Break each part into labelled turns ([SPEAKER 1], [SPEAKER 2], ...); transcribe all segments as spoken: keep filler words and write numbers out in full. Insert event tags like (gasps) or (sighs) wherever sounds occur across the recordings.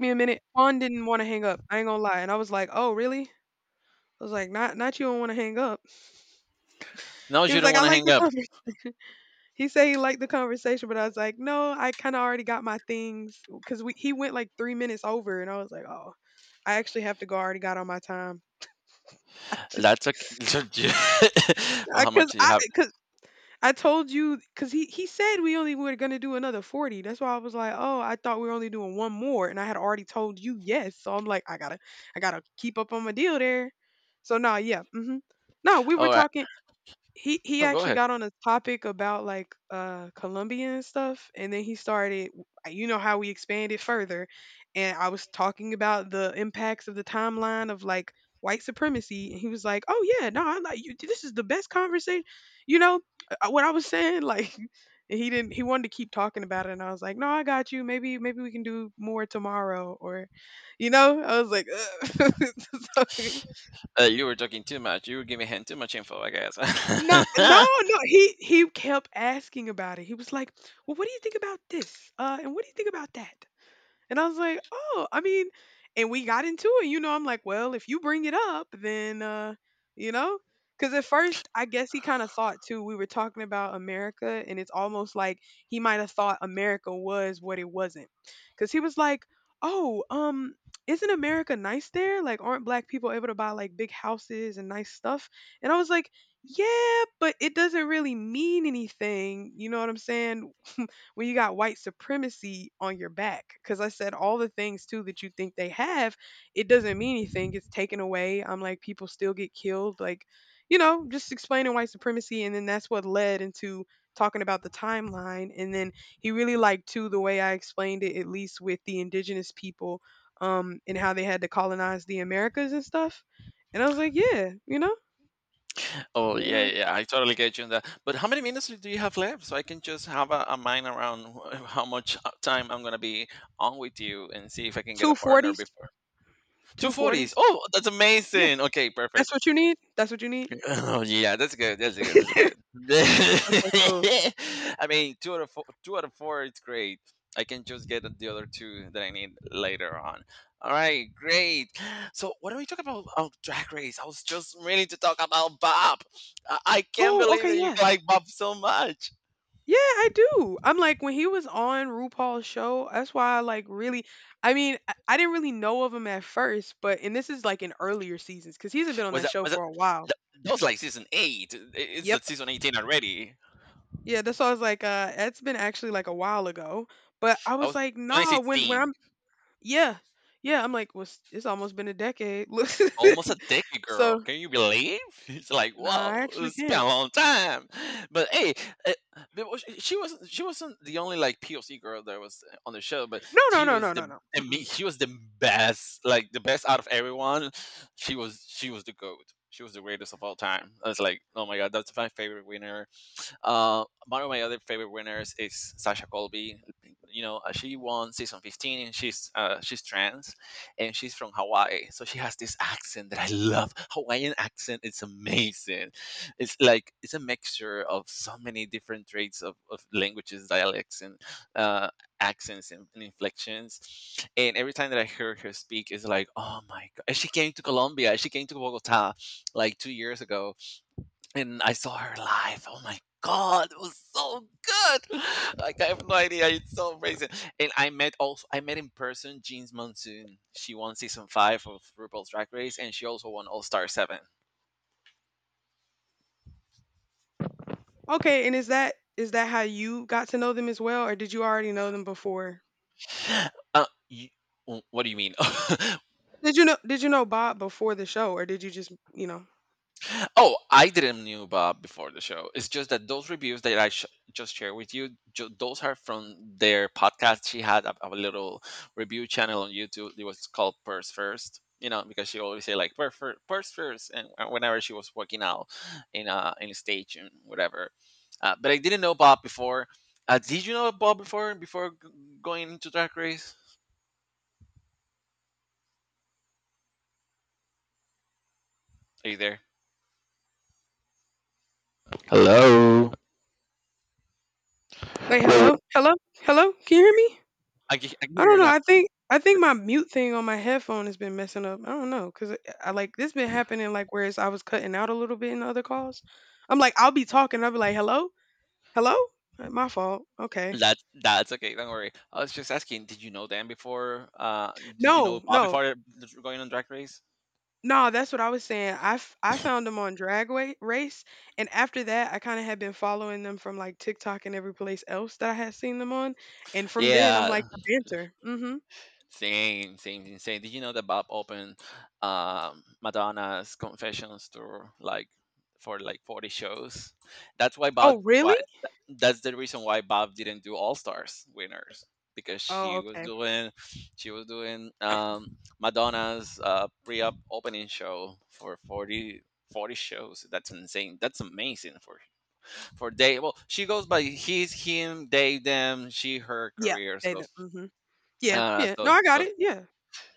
[SPEAKER 1] Me a minute. Juan didn't want to hang up. I ain't gonna lie, and I was like, "Oh, really?" I was like, "Not, not you don't want to hang up."
[SPEAKER 2] No,
[SPEAKER 1] He
[SPEAKER 2] you
[SPEAKER 1] was
[SPEAKER 2] don't
[SPEAKER 1] like, "I
[SPEAKER 2] want to
[SPEAKER 1] like
[SPEAKER 2] hang
[SPEAKER 1] the
[SPEAKER 2] up.
[SPEAKER 1] conversation." (laughs) He said he liked the conversation, but I was like, "No, I kind of already got my things because we he went like three minutes over, and I was like, oh, I actually have to go. I already got all my time." (laughs) I just
[SPEAKER 2] That's okay. (laughs) So you- (laughs) well,
[SPEAKER 1] I
[SPEAKER 2] how
[SPEAKER 1] because
[SPEAKER 2] much do you
[SPEAKER 1] I
[SPEAKER 2] have?
[SPEAKER 1] because I told you because he he said we only were gonna do another forty. That's why I was like, oh, I thought we were only doing one more, and I had already told you yes. So I'm like, I gotta I gotta keep up on my deal there. So nah, yeah, mm-hmm. No, we were
[SPEAKER 2] All right.
[SPEAKER 1] talking. He he
[SPEAKER 2] Oh, go
[SPEAKER 1] actually
[SPEAKER 2] ahead.
[SPEAKER 1] got on a topic about like uh Colombia and stuff, and then he started, you know, how we expanded further. And I was talking about the impacts of the timeline of like white supremacy, and he was like, "Oh yeah, no, I like you. This is the best conversation, you know, uh, uh, what I was saying, like," (laughs) and he didn't, he wanted to keep talking about it, and I was like, "No, I got you. Maybe maybe we can do more tomorrow or, you know." I was like, (laughs) ugh. (laughs) So,
[SPEAKER 2] Uh, you were talking too much. You were giving him too much info, I
[SPEAKER 1] no, no,
[SPEAKER 2] guess. (laughs)
[SPEAKER 1] no. He he kept asking about it. He was like, "Well, what do you think about this? Uh, and what do you think about that?" And I was like, "Oh, I mean," and we got into it. You know, I'm like, "Well, if you bring it up, then uh, you know." Cuz at first, I guess he kind of thought too we were talking about America, and it's almost like he might have thought America was what it wasn't. Cuz he was like, "Oh, um isn't America nice there? Like, aren't black people able to buy like big houses and nice stuff?" And I was like, "Yeah, but it doesn't really mean anything." You know what I'm saying? When you got white supremacy on your back. Because I said all the things too that you think they have, it doesn't mean anything. It's taken away. I'm like, people still get killed. Like, you know, just explaining white supremacy. And then that's what led into talking about the timeline. And then he really liked too the way I explained it, at least with the indigenous people, um, and how they had to colonize the Americas and stuff. And I was like, yeah, you know,
[SPEAKER 2] Oh yeah, yeah, yeah, I totally get you on that. But how many minutes do you have left? So I can just have a, a mind around wh- how much uh, time I'm gonna be on with you and see if I can get a
[SPEAKER 1] two
[SPEAKER 2] partner
[SPEAKER 1] forties,
[SPEAKER 2] before two
[SPEAKER 1] two
[SPEAKER 2] forties.
[SPEAKER 1] forties.
[SPEAKER 2] Oh, that's
[SPEAKER 1] Yeah,
[SPEAKER 2] amazing. Okay, perfect.
[SPEAKER 1] that's what you need. That's what you need.
[SPEAKER 2] (laughs) Oh yeah, that's good. That's good. That's good.
[SPEAKER 1] (laughs) Okay, cool.
[SPEAKER 2] (laughs) I mean, two out of four, two out of four, it's great. I can just get the other two that I need later on. All right, great. So, what are we talking about? Oh, Drag Race. I was just ready to talk about Bob. I, I can't
[SPEAKER 1] Oh,
[SPEAKER 2] believe
[SPEAKER 1] okay,
[SPEAKER 2] that you
[SPEAKER 1] yeah.
[SPEAKER 2] like Bob so much.
[SPEAKER 1] Yeah, I do. I'm like when he was on RuPaul's show, that's why I like really, I mean, I, I didn't really know of him at first, but and this is like in earlier seasons cuz he's been on
[SPEAKER 2] Was
[SPEAKER 1] that
[SPEAKER 2] that
[SPEAKER 1] show
[SPEAKER 2] was it?
[SPEAKER 1] for a while.
[SPEAKER 2] That, That was like season eight. It- It's at
[SPEAKER 1] Yep.
[SPEAKER 2] season eighteen already.
[SPEAKER 1] Yeah, that's why I was like uh that's been actually like a while ago, but I
[SPEAKER 2] That
[SPEAKER 1] was
[SPEAKER 2] was
[SPEAKER 1] like,
[SPEAKER 2] twenty
[SPEAKER 1] "Nah, when when
[SPEAKER 2] sixteen.
[SPEAKER 1] I'm yeah." Yeah, I'm like, "Was it's almost been a decade." (laughs) Look,
[SPEAKER 2] Almost a decade, girl.
[SPEAKER 1] so,
[SPEAKER 2] Can you believe? (laughs) It's like,
[SPEAKER 1] nah, I
[SPEAKER 2] whoa,
[SPEAKER 1] actually
[SPEAKER 2] it's been a
[SPEAKER 1] can't.
[SPEAKER 2] long time. But hey, it, but was- she wasn't she wasn't the only like P O C girl that was on the show, but
[SPEAKER 1] No, no,
[SPEAKER 2] she
[SPEAKER 1] no,
[SPEAKER 2] was
[SPEAKER 1] no,
[SPEAKER 2] the
[SPEAKER 1] no, no.
[SPEAKER 2] and me,
[SPEAKER 1] Mm-mm.
[SPEAKER 2] she was the best, like the best out of everyone. She was she was the goat. She was the greatest of all time. I was like, oh my god, that's my favorite winner. Uh, one of my other favorite winners is Sasha Colby. You know, uh, she won season fifteen. And she's uh, she's trans, and she's from Hawaii, so she has this accent that I love. Hawaiian accent, it's amazing. It's like it's a mixture of so many different traits of, of languages, dialects, and uh, accents and, and inflections. And every time that I hear her speak, it's like, oh my god! And she came to Colombia. She came to Bogota like two years ago and I saw her live. Oh my god, it was so good. (laughs) Like I have no idea. It's so amazing. And I met also I met in person Jeans Monsoon. She won season five of RuPaul's Drag Race, and she also won All Star Seven.
[SPEAKER 1] Okay, and is that is that how you got to know them as well, or did you already know them before?
[SPEAKER 2] Uh, you, what do you mean? (laughs)
[SPEAKER 1] Did you know did you know Bob before the show, or did you just, you know,
[SPEAKER 2] Oh, I didn't knew about before the show. It's just that those reviews that I sh- just shared with you, ju- those are from their podcast. She had a, a little review channel on YouTube. It was called Purse First. You know, because she always say like purse first, purse first, and and whenever she was working out in a in a stage and whatever. Uh, but I didn't know Bob before. Uh, did you know Bob before before g- going into Drag Race? Are you there? Hello.
[SPEAKER 1] wait, hello? Hello? Hello? Can you hear me?
[SPEAKER 2] I can, I can
[SPEAKER 1] I
[SPEAKER 2] hear
[SPEAKER 1] don't know.
[SPEAKER 2] you.
[SPEAKER 1] I think I think my mute thing on my headphone has been messing up. I don't know, 'cause I, I like this been happening like whereas I was cutting out a little bit in other calls. I'm like, I'll be talking, I'll be like, hello? Hello? Uh, My fault. Okay.
[SPEAKER 2] That that's okay. Don't worry. I was just asking, did you know them before? Uh, did you know
[SPEAKER 1] No,
[SPEAKER 2] Bob
[SPEAKER 1] no.
[SPEAKER 2] before going on Drag Race?
[SPEAKER 1] No, that's what I was saying. I, f- I found them on Drag Wa- Race, and after that, I kind of had been following them from like TikTok and every place else that I had seen them on. And from then, I'm
[SPEAKER 2] Yeah.
[SPEAKER 1] like the banter. Mm-hmm.
[SPEAKER 2] Same, same, insane. Did you know that Bob opened um, Madonna's Confessions tour like for like forty shows? That's why Bob.
[SPEAKER 1] Oh,
[SPEAKER 2] Why
[SPEAKER 1] really?
[SPEAKER 2] that's the reason why Bob didn't do All Stars winners because
[SPEAKER 1] Oh,
[SPEAKER 2] she was
[SPEAKER 1] okay.
[SPEAKER 2] doing she was doing um, Madonna's uh, pre-op opening show for forty forty shows. That's insane. That's amazing for for Dave. Well, she goes by he's him, they, them, she, her
[SPEAKER 1] Yeah,
[SPEAKER 2] career.
[SPEAKER 1] they.
[SPEAKER 2] So,
[SPEAKER 1] The, mm-hmm. Yeah,
[SPEAKER 2] uh,
[SPEAKER 1] yeah. No,
[SPEAKER 2] so,
[SPEAKER 1] I got
[SPEAKER 2] so
[SPEAKER 1] it. Yeah.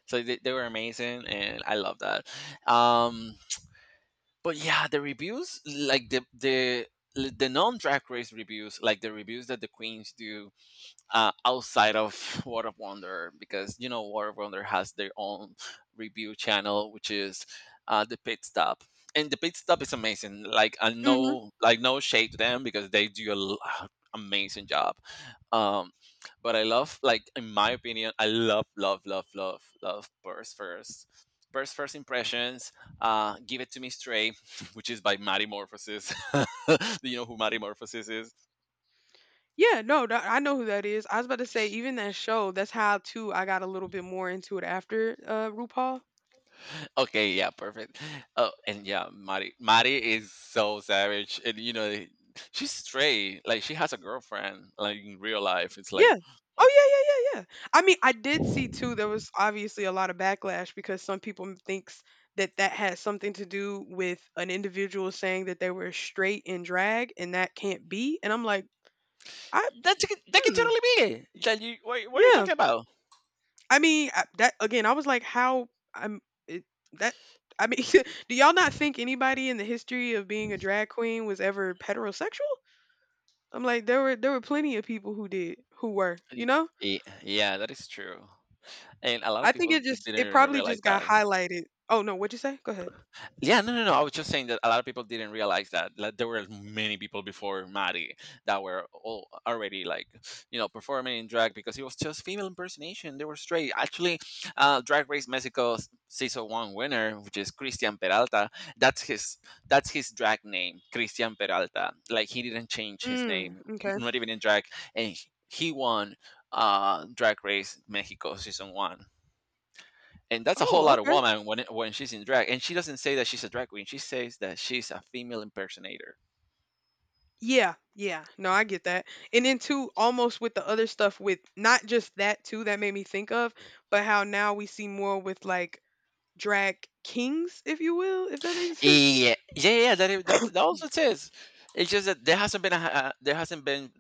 [SPEAKER 2] so they, they were amazing, and I love that. Um, but yeah, the reviews, like the the the non drag race reviews, like the reviews that the queens do uh, outside of (laughs) World of Wonder because you know World of Wonder has their own review channel, which is uh, the pit stop, and the pit stop is amazing. Like I
[SPEAKER 1] Mm-hmm.
[SPEAKER 2] no like No shade to them because they do a l- uh, amazing job. Um, but I love like in my opinion, I love love love love love Burst First. Burst First Impressions, uh, Give It To Me Straight, (laughs) which is by Marimorphosis. (laughs) Do you know who Marimorphosis is?
[SPEAKER 1] Yeah, no, tha- I know who that is. I was about to say even that show. That's how too I got a little bit more into it after uh RuPaul.
[SPEAKER 2] Okay, yeah, perfect. Oh, and yeah, Mari Mari is so savage, and you know, they- she's straight. Like she has a girlfriend, like in real life. It's like,
[SPEAKER 1] Yeah.
[SPEAKER 2] oh,
[SPEAKER 1] Oh yeah, yeah, yeah, yeah. I mean, I did see too. There was obviously a lot of backlash because some people m- thinks that that has something to do with an individual saying that they were straight in drag, and that can't be. And I'm like, I,
[SPEAKER 2] that can, that can
[SPEAKER 1] hmm,
[SPEAKER 2] totally be it. That you, what, what are you
[SPEAKER 1] yeah.
[SPEAKER 2] talking about?
[SPEAKER 1] I mean, I, that again. I was like, how I'm it, that. I mean, (laughs) do y'all not think anybody in the history of being a drag queen was ever heterosexual? I'm like, there were there were plenty of people who did who were, you
[SPEAKER 2] Y-
[SPEAKER 1] know.
[SPEAKER 2] y- Yeah, that is true, and a lot of
[SPEAKER 1] I think
[SPEAKER 2] people
[SPEAKER 1] it just
[SPEAKER 2] didn't
[SPEAKER 1] it
[SPEAKER 2] even
[SPEAKER 1] probably
[SPEAKER 2] realize
[SPEAKER 1] just got
[SPEAKER 2] that.
[SPEAKER 1] highlighted. Oh, no, what'd you say? Go ahead.
[SPEAKER 2] Yeah, no, no, no. I was just saying that a lot of people didn't realize that, like, there were many people before Maddie that were all already like, you know, performing in drag because it was just female impersonation. They were straight. Actually, uh, Drag Race Mexico s- season one winner, which is Cristian Peralta, that's his that's his drag name, Cristian Peralta. Like he didn't change his
[SPEAKER 1] Mm,
[SPEAKER 2] name,
[SPEAKER 1] okay.
[SPEAKER 2] not even in drag, and he he won uh Drag Race Mexico season one, and that's a whole
[SPEAKER 1] Oh,
[SPEAKER 2] lot of
[SPEAKER 1] okay.
[SPEAKER 2] woman. When it- when she's in drag, and she doesn't say that she's a drag queen, she says that she's a female impersonator.
[SPEAKER 1] Yeah, yeah. No, I get that. And then too, almost with the other stuff with not just that too that made me think of, but how now we see more with, like, drag kings, if you will, if that makes (laughs) sense?
[SPEAKER 2] Yeah, yeah, yeah, that is, that, that also says, it's just that there hasn't been a, a there hasn't been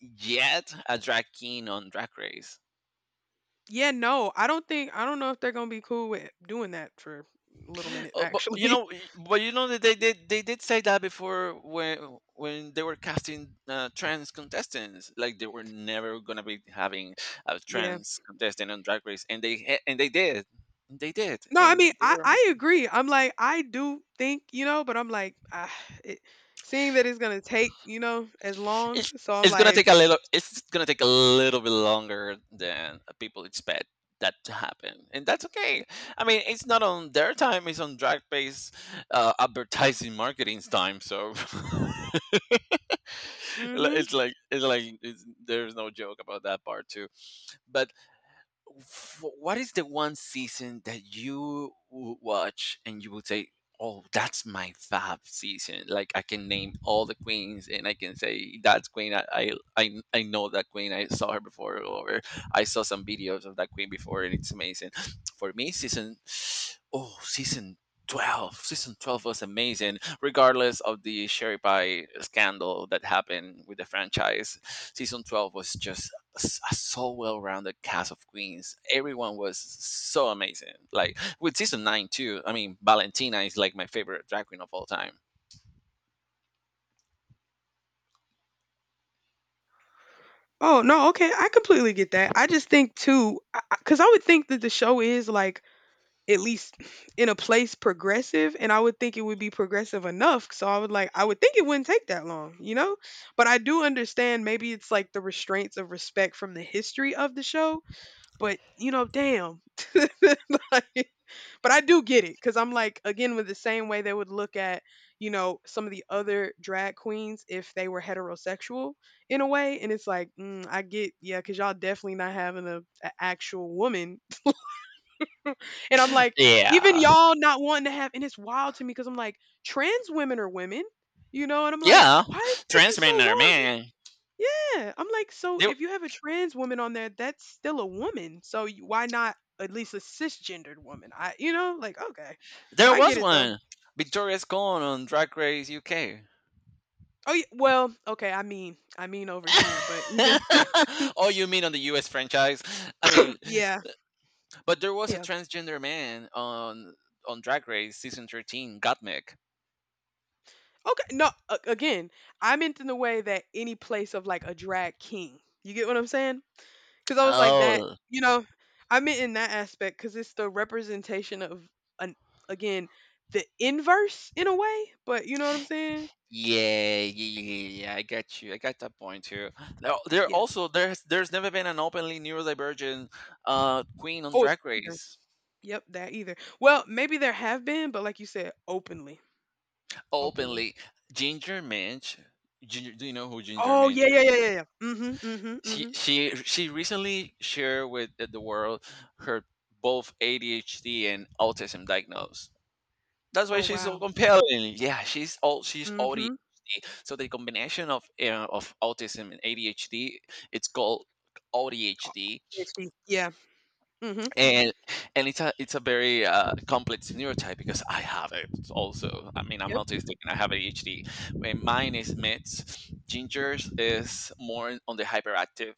[SPEAKER 2] yet a drag king on drag race.
[SPEAKER 1] Yeah, no, I don't think, I don't know if they're gonna be cool with doing that for a little minute,
[SPEAKER 2] Oh, but you
[SPEAKER 1] actually.
[SPEAKER 2] know
[SPEAKER 1] (laughs)
[SPEAKER 2] y- but you know that they did they did say that before, when when they were casting uh, trans contestants, like they were never gonna be having a
[SPEAKER 1] Yeah.
[SPEAKER 2] trans contestant on drag race, and they and they did. They did
[SPEAKER 1] No, I
[SPEAKER 2] and
[SPEAKER 1] mean,
[SPEAKER 2] They
[SPEAKER 1] I
[SPEAKER 2] were
[SPEAKER 1] I
[SPEAKER 2] amazing.
[SPEAKER 1] agree. I'm like, I do think, you know, but I'm like, ah, it, seeing that it's gonna take, you know, as long,
[SPEAKER 2] It's
[SPEAKER 1] so I'm
[SPEAKER 2] it's gonna
[SPEAKER 1] like,
[SPEAKER 2] take a little. It's gonna take a little bit longer than people expect that to happen, and that's okay. I mean, it's not on their time; it's on drag-based uh, advertising marketing's time. So (laughs)
[SPEAKER 1] mm-hmm.
[SPEAKER 2] it's like it's like it's, there's no joke about that part too. But wh- what is the one season that you would watch and you would say, "Oh, that's my fab season." Like I can name all the queens and I can say that's queen. I I I, I know that queen. I saw her before, or I saw some videos of that queen before, and it's amazing. (sniffs) For me, season oh season twelve. Season twelve was amazing regardless of the sherry pie scandal that happened with the franchise. Season twelve was just s- a so well-rounded cast of queens. Everyone was so amazing. Like with season nine too. I mean, Valentina is like my favorite drag queen of all time.
[SPEAKER 1] Oh no, okay, I completely get that. I just think too, because I, would think that the show is like at least (sniffs) in a place progressive, and I would think it would be progressive enough. So I would like, I would think it wouldn't take that long, you know. But I do understand maybe it's like the restraints of respect from the history of the show. But you know, damn, (laughs) like, but I do get it because I'm like again with the same way they would look at, you know, some of the other drag queens if they were heterosexual in a way, and it's like, mm, I get yeah because y'all definitely not having a, a actual woman, (laughs) and I'm like, even
[SPEAKER 2] Yeah,
[SPEAKER 1] y'all not wanting to have, and it's wild to me because I'm like, trans women are women, you know, and I'm like,
[SPEAKER 2] yeah.
[SPEAKER 1] why did it take you so
[SPEAKER 2] Transgender
[SPEAKER 1] long?
[SPEAKER 2] man.
[SPEAKER 1] Yeah, I'm like, so
[SPEAKER 2] There,
[SPEAKER 1] if you have a trans woman on there, that's still a woman, so you- why not? At least a cisgendered woman. I, you know, like, okay.
[SPEAKER 2] there
[SPEAKER 1] I get
[SPEAKER 2] was
[SPEAKER 1] it though.
[SPEAKER 2] one. Victoria's gone on Drag Race U K.
[SPEAKER 1] Oh yeah, well, okay. I mean, I mean over here, but even still,
[SPEAKER 2] (laughs) Oh,
[SPEAKER 1] (laughs)
[SPEAKER 2] you mean on the U S franchise? I mean,
[SPEAKER 1] yeah,
[SPEAKER 2] but there was a
[SPEAKER 1] yeah.
[SPEAKER 2] transgender man on on Drag Race season thirteen, Gottmik.
[SPEAKER 1] Okay, no. A- Again, I meant in the way that any place of like a drag king. You get what I'm saying? Because I was like that.
[SPEAKER 2] Oh
[SPEAKER 1] You know, I meant in that aspect because it's the representation of an, again, the inverse in a way. But you know what I'm saying?
[SPEAKER 2] yeah, yeah, yeah, yeah, yeah, I got you. I got that point too. Now there
[SPEAKER 1] Yeah.
[SPEAKER 2] also there's there's never been an openly neurodivergent uh queen on
[SPEAKER 1] Oh,
[SPEAKER 2] Drag
[SPEAKER 1] either.
[SPEAKER 2] Race.
[SPEAKER 1] Yep, that either. Well, maybe there have been, but like you said, openly, openly.
[SPEAKER 2] Openly, Ginger Minch. Ginger, do you know who Ginger
[SPEAKER 1] Oh
[SPEAKER 2] Minch
[SPEAKER 1] yeah, yeah,
[SPEAKER 2] is?
[SPEAKER 1] yeah, yeah, yeah. Mhm, mhm,
[SPEAKER 2] She
[SPEAKER 1] mhm.
[SPEAKER 2] she she recently shared with the world her both A D H D and autism diagnosed. That's why
[SPEAKER 1] Oh,
[SPEAKER 2] she's so
[SPEAKER 1] wow.
[SPEAKER 2] compelling. Yeah, she's all she's O D.
[SPEAKER 1] Mhm.
[SPEAKER 2] So the combination of uh, of autism and A D H D, it's called
[SPEAKER 1] Oh,
[SPEAKER 2] A D H D,
[SPEAKER 1] PhD. Yeah. Mhm.
[SPEAKER 2] and and it's a it's a very uh, complex neurotype because I have it also. I mean, I'm
[SPEAKER 1] Yep.
[SPEAKER 2] autistic and I have A D H D. When mine is mixed, Ginger's is more on the hyperactive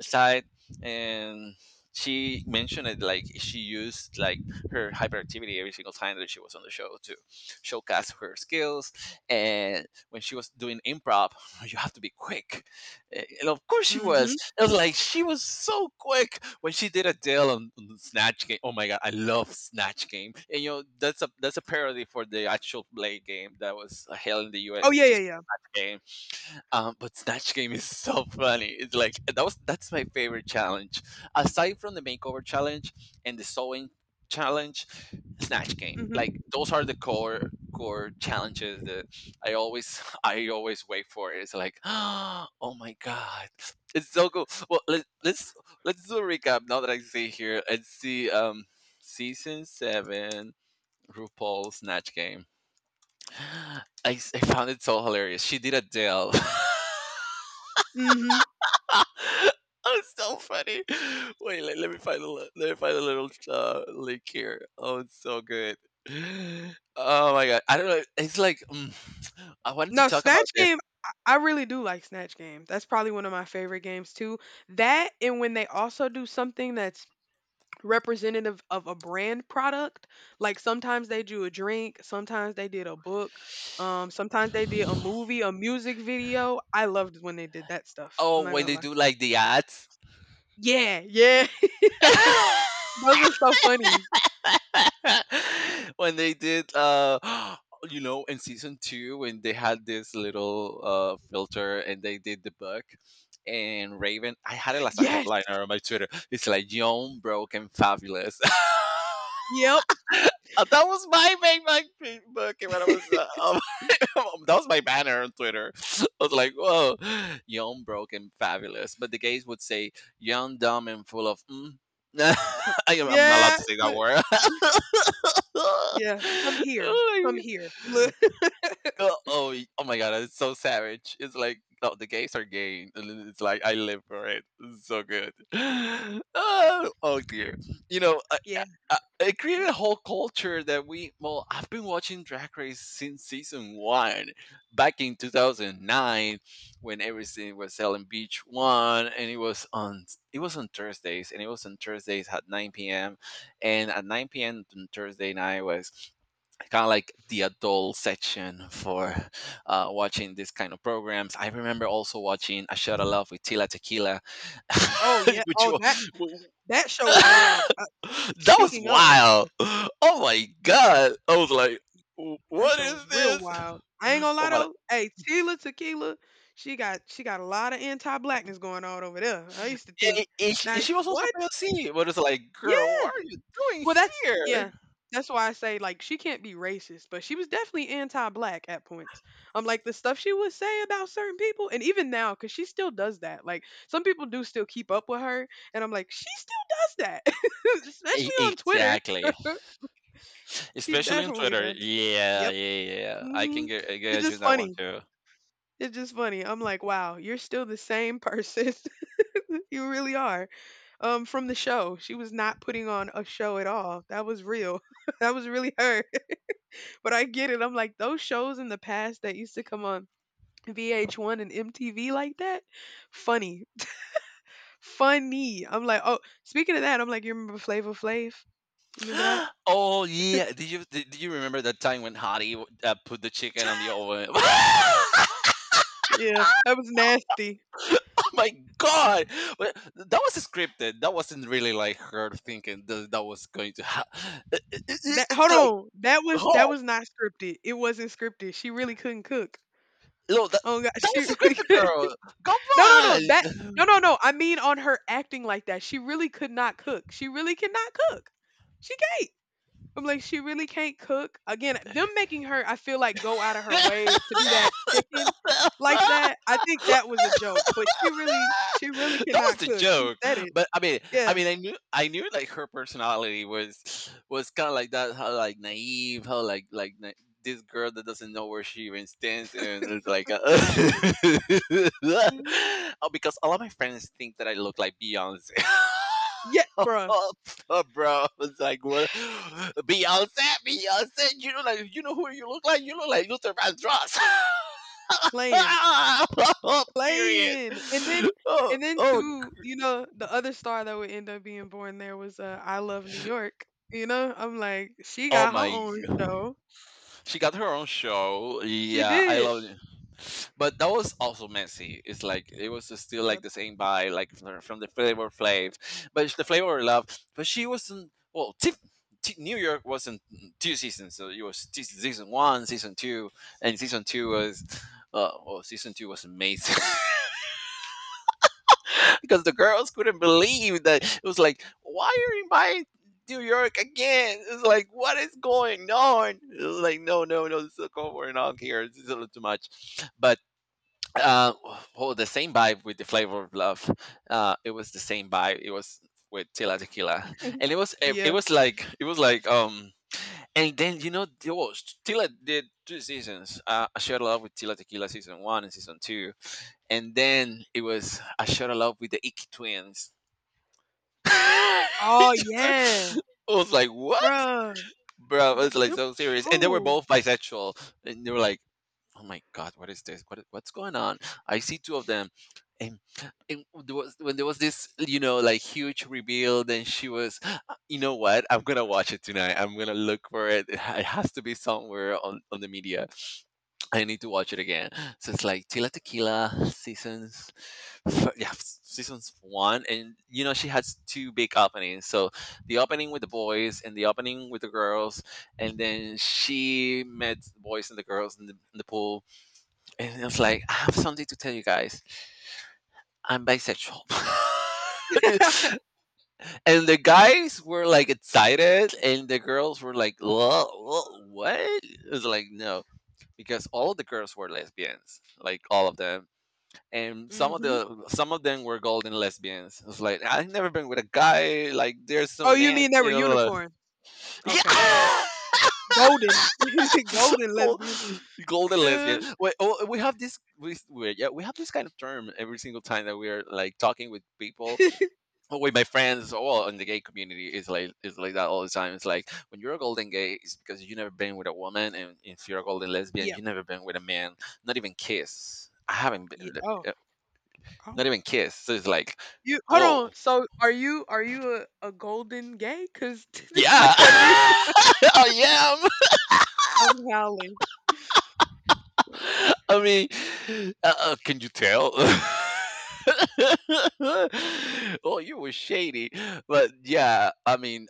[SPEAKER 2] side, and she mentioned it, like she used like her hyperactivity every single time that she was on the show to showcase her skills, and when she was doing improv (laughs) you have to be quick. Eh, And of course she was.
[SPEAKER 1] Mhm.
[SPEAKER 2] It was like she was so quick when she did a deal on, on the Snatch Game. Oh my god, I love Snatch Game. And you know that's a that's a parody for the actual Blade game that was held in the
[SPEAKER 1] Oh,
[SPEAKER 2] U S,
[SPEAKER 1] yeah,
[SPEAKER 2] which is
[SPEAKER 1] yeah, yeah.
[SPEAKER 2] Snatch Game. Um, but Snatch Game is so funny. It's like that was That's my favorite challenge. Aside from the makeover challenge and the sewing challenge, Snatch Game.
[SPEAKER 1] Mhm.
[SPEAKER 2] Like those are the core core challenges that I always (laughs) I always wait for. It's like, (gasps) oh my god, it's so cool. Well, let, let's let's do a recap now that I see here. Let's see, um season seven RuPaul's Snatch Game. (gasps) (sighs) I, s- I found it so hilarious. She did a deal. (laughs)
[SPEAKER 1] Mhm.
[SPEAKER 2] (laughs) Oh, it's so funny. Wait, let, let me find a li- let me find a little uh, link here. Oh, it's so good. Oh my god, I don't know. It's like mm, (tsk) I wanted to
[SPEAKER 1] No,
[SPEAKER 2] talk about
[SPEAKER 1] Snatch
[SPEAKER 2] this.
[SPEAKER 1] Game, I I really do like Snatch Game. That's probably one of my favorite games too. That and when they also do something that's representative of a brand product, like sometimes they do a drink, sometimes they did a book, um, sometimes they did a movie, a music video. I loved when they did that stuff. I'm
[SPEAKER 2] Oh,
[SPEAKER 1] not
[SPEAKER 2] when
[SPEAKER 1] gonna
[SPEAKER 2] they
[SPEAKER 1] lie.
[SPEAKER 2] do like the ads.
[SPEAKER 1] Yeah, yeah. (laughs)
[SPEAKER 2] (laughs)
[SPEAKER 1] Those are so funny.
[SPEAKER 2] (laughs) When they did uh (gasps) you know in season two when they had this little uh filter and they did the book, and Raven, I had it as a
[SPEAKER 1] Yes.
[SPEAKER 2] headliner on my Twitter. It's like young, broke, and fabulous. (laughs)
[SPEAKER 1] Yep.
[SPEAKER 2] Uh, that was my main my main book when I was uh, um, (laughs) that was my banner on Twitter. (laughs) I was like, "Whoa, young, broke, and fabulous." But the gays would say, "Young, dumb, and full of." Mm. (laughs)
[SPEAKER 1] Co
[SPEAKER 2] I am, I'm not allowed
[SPEAKER 1] Yeah,
[SPEAKER 2] to say that
[SPEAKER 1] look,
[SPEAKER 2] word. (laughs)
[SPEAKER 1] yeah, "Come
[SPEAKER 2] (laughs)
[SPEAKER 1] here,
[SPEAKER 2] Oh my
[SPEAKER 1] come here." Look, (laughs)
[SPEAKER 2] oh oh y- oh my god, it's so savage. It's like no, the gays are gay. And then It's like I live for it. It's so good. (gasps) (laughs) Oh, oh dear. You know, I, I,
[SPEAKER 1] yeah,
[SPEAKER 2] I- it created
[SPEAKER 1] that,
[SPEAKER 2] a whole culture that we well, I've been watching Drag Race since season one, back in two thousand nine, when everything was selling Beach One, and it was on it was on Thursdays, and it was on Thursdays at nine p m. And at nine p m on Thursday night was kind of like the adult section for uh, watching this kind of programs. I remember also watching A Shot of Love with Tila Tequila,
[SPEAKER 1] oh, yeah,
[SPEAKER 2] (laughs) which
[SPEAKER 1] oh,
[SPEAKER 2] you,
[SPEAKER 1] that that
[SPEAKER 2] (laughs)
[SPEAKER 1] show is wild, uh,
[SPEAKER 2] that was
[SPEAKER 1] speaking of,
[SPEAKER 2] wild. Oh my god! I was like, "Wh-
[SPEAKER 1] that
[SPEAKER 2] what
[SPEAKER 1] show
[SPEAKER 2] is
[SPEAKER 1] was real
[SPEAKER 2] this?
[SPEAKER 1] wild. I ain't gonna
[SPEAKER 2] Oh
[SPEAKER 1] lie,
[SPEAKER 2] my!"
[SPEAKER 1] though, hey, Tila Tequila, she got she got a lot of anti-blackness going on over there. I used to think,
[SPEAKER 2] And, and she
[SPEAKER 1] "Now,
[SPEAKER 2] and she was also
[SPEAKER 1] what?"
[SPEAKER 2] P O C, but it's like,
[SPEAKER 1] Yeah.
[SPEAKER 2] girl, what are you doing
[SPEAKER 1] Well, that's yeah.
[SPEAKER 2] here?
[SPEAKER 1] That's why I say like she can't be racist, but she was definitely anti-black at points. I'm like the stuff she would say about certain people, and even now, because she still does that. Like some people do still keep up with her, and I'm like, she still does that, (laughs)
[SPEAKER 2] E-
[SPEAKER 1] especially on Twitter.
[SPEAKER 2] exactly,
[SPEAKER 1] She
[SPEAKER 2] especially on
[SPEAKER 1] definitely
[SPEAKER 2] Twitter.
[SPEAKER 1] does.
[SPEAKER 2] Yeah, yeah,
[SPEAKER 1] Yep.
[SPEAKER 2] yeah, yeah. I can
[SPEAKER 1] Hmm.
[SPEAKER 2] get,
[SPEAKER 1] It's
[SPEAKER 2] get you
[SPEAKER 1] just
[SPEAKER 2] that one
[SPEAKER 1] funny.
[SPEAKER 2] too.
[SPEAKER 1] It's just funny. I'm like, wow, you're still the same person. (laughs) You really are. Um, from the show, she was not putting on a show at all. That was real. (laughs) That was really her. But I get it. I'm like, those shows in the past that used to come on V H one and M T V like that, funny. Funny. I'm like, oh, speaking of that, I'm like, you remember Flavor Flav? Remember that?
[SPEAKER 2] (gasps) Oh yeah, did you did, do you remember that time when Hottie w- uh, put the chicken on the oven? (laughs)
[SPEAKER 1] Yeah, that was nasty.
[SPEAKER 2] Oh my god, well, that was scripted. That wasn't really like her thinking that that was going to happen.
[SPEAKER 1] That
[SPEAKER 2] It's
[SPEAKER 1] hold
[SPEAKER 2] like
[SPEAKER 1] on, that was that
[SPEAKER 2] oh
[SPEAKER 1] was not scripted. It wasn't scripted. She really couldn't cook.
[SPEAKER 2] no, that
[SPEAKER 1] Oh god,
[SPEAKER 2] that
[SPEAKER 1] she
[SPEAKER 2] was
[SPEAKER 1] really
[SPEAKER 2] scripted,
[SPEAKER 1] (laughs)
[SPEAKER 2] girl.
[SPEAKER 1] no no
[SPEAKER 2] Come
[SPEAKER 1] no that no no no. I mean on her acting like that. She really could not cook. She really cannot cook. She can't. I'm like, she really can't cook. Again, them making her, I feel like, go out of her way to do that chicken like
[SPEAKER 2] on.
[SPEAKER 1] that.
[SPEAKER 2] (laughs)
[SPEAKER 1] I think that was a joke, but she really, she really
[SPEAKER 2] (laughs) That was
[SPEAKER 1] cannot
[SPEAKER 2] the
[SPEAKER 1] cook. She
[SPEAKER 2] joke.
[SPEAKER 1] said it.
[SPEAKER 2] But I mean, I
[SPEAKER 1] Yeah.
[SPEAKER 2] mean, I knew, I knew, like her personality was was kind of like that, how like naive, how like like na- this girl that doesn't know where she even stands, and it's like,
[SPEAKER 1] Mhm.
[SPEAKER 2] (laughs) oh, because all of my friends think that I look like Beyonce. (laughs)
[SPEAKER 1] Yeah, bruh.
[SPEAKER 2] Oh, bro, it's like what Beyonce, Beyonce. You know, like you know who you look like. You look like Luther Vandross.
[SPEAKER 1] Playing,
[SPEAKER 2] (laughs) (laughs) Period.
[SPEAKER 1] playing, and then,
[SPEAKER 2] Oh,
[SPEAKER 1] and then
[SPEAKER 2] oh,
[SPEAKER 1] too, you know, the other star that would end up being born there was uh, I Love New York. You know, I'm like, she
[SPEAKER 2] oh
[SPEAKER 1] got her
[SPEAKER 2] my
[SPEAKER 1] own
[SPEAKER 2] god.
[SPEAKER 1] show.
[SPEAKER 2] She got her own show.
[SPEAKER 1] She
[SPEAKER 2] Yeah, I
[SPEAKER 1] did.
[SPEAKER 2] love it. But that was also messy. It's like it was just still like
[SPEAKER 1] Yep.
[SPEAKER 2] the same vibe, like from from the Flavor Flav, but it's the Flavor of Love. But she wasn't well. Tip, T- New York wasn't two seasons, so it was t- season one, season two, and season two was. Uh, oh, Season two was amazing. (laughs) Because the girls couldn't believe that it was like, why are you buying New York again? It's like, what is going on? It was like, no, no, no, this is going on here. This is a little too much. But uh, well, the same vibe with the Flavor of Love. Uh, it was the same vibe. It was with Tila Tequila,
[SPEAKER 1] (laughs)
[SPEAKER 2] and it was it, it
[SPEAKER 1] yeah.
[SPEAKER 2] was like it was like um. And then you know, there was Tila did two seasons. Uh, I shared a love with Tila Tequila, season one and season two, and then it was I shared a love with the Iki twins. (laughs) I
[SPEAKER 1] Oh yeah,
[SPEAKER 2] was like, what?
[SPEAKER 1] bruh.
[SPEAKER 2] Bro,
[SPEAKER 1] Th-
[SPEAKER 2] it's like
[SPEAKER 1] them
[SPEAKER 2] so serious. And they were
[SPEAKER 1] shows.
[SPEAKER 2] both bisexual. And they were like, oh my god, what is this? What, what's going on? I see two of them. And, and there was, when there was this, you know, like huge reveal, then she was, "Uh, you know what? I'm going to watch it tonight. I'm going to look for it. It has to be somewhere on, on the media. I need to watch it again." So it's like Tila Tequila seasons, f- yeah, s- seasons one, and you know she has two big openings. So the opening with the boys and the opening with the girls, and then she met the boys and the girls in the, in the pool, and it's like I have something to tell you guys. I'm bisexual. (laughs) And the guys were like excited, and the girls were like, "Wha- wha- "What?" It's like, no, because all of the girls were lesbians, like all of them, and some of
[SPEAKER 1] Hmm.
[SPEAKER 2] the some of them were golden lesbians. It was like I've never been with a guy, like they're
[SPEAKER 1] Oh,
[SPEAKER 2] so
[SPEAKER 1] you
[SPEAKER 2] nasty,
[SPEAKER 1] mean they
[SPEAKER 2] you
[SPEAKER 1] were
[SPEAKER 2] know.
[SPEAKER 1] unicorn?
[SPEAKER 2] (laughs)
[SPEAKER 1] Okay,
[SPEAKER 2] Yeah,
[SPEAKER 1] golden, (laughs)
[SPEAKER 2] (laughs)
[SPEAKER 1] golden
[SPEAKER 2] Gold-
[SPEAKER 1] lesbian.
[SPEAKER 2] golden lesbian.
[SPEAKER 1] Uh,
[SPEAKER 2] Wait, oh, we have this. We, we yeah, we have this kind of term every single time that we are like talking with people
[SPEAKER 1] (laughs)
[SPEAKER 2] with my friends, well in the gay community, is like is like that all the time. It's like when you're a golden gay, it's because you never been with a woman, and if you're a golden lesbian,
[SPEAKER 1] yeah,
[SPEAKER 2] you never been with a man, not even kiss. I haven't
[SPEAKER 1] yeah.
[SPEAKER 2] been
[SPEAKER 1] Oh,
[SPEAKER 2] uh,
[SPEAKER 1] oh.
[SPEAKER 2] not even kiss. So it's like
[SPEAKER 1] You hold on.
[SPEAKER 2] whoa,
[SPEAKER 1] So, are you are you a, a golden gay? Cause (laughs) have you?
[SPEAKER 2] yeah, (laughs) I am.
[SPEAKER 1] I'm howling.
[SPEAKER 2] (laughs) I mean uh, uh, can you tell? (laughs) Oh, you were shady. But yeah I mean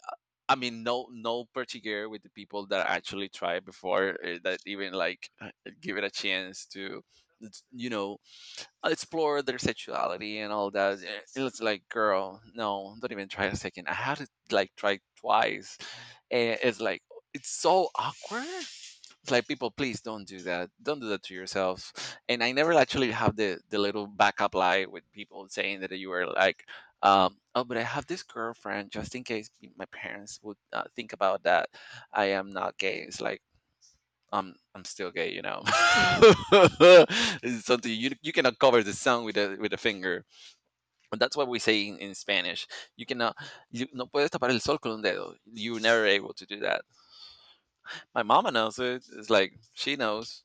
[SPEAKER 2] I mean, no, no particular with the people that actually tried before, uh, that even like uh, give it a chance to, it's, you know, explore their sexuality and all that. Eh, it was like, girl, no, don't even try a second. I had to like try twice, and it's like it's so awkward. It's like people, please don't do that. Don't do that to yourself. And I never actually have the the little backup lie with people saying that you were like, um, oh, but I have this girlfriend, just in case p- my parents would uh, think about that. I am not gay. It's like I'm I'm still gay, you know. (laughs) It's something you you cannot cover the sun with a with a finger. And that's what we say in, in Spanish. You cannot you no puedes tapar el sol con un dedo. You're never able to do that. My mama knows it. It's like she knows.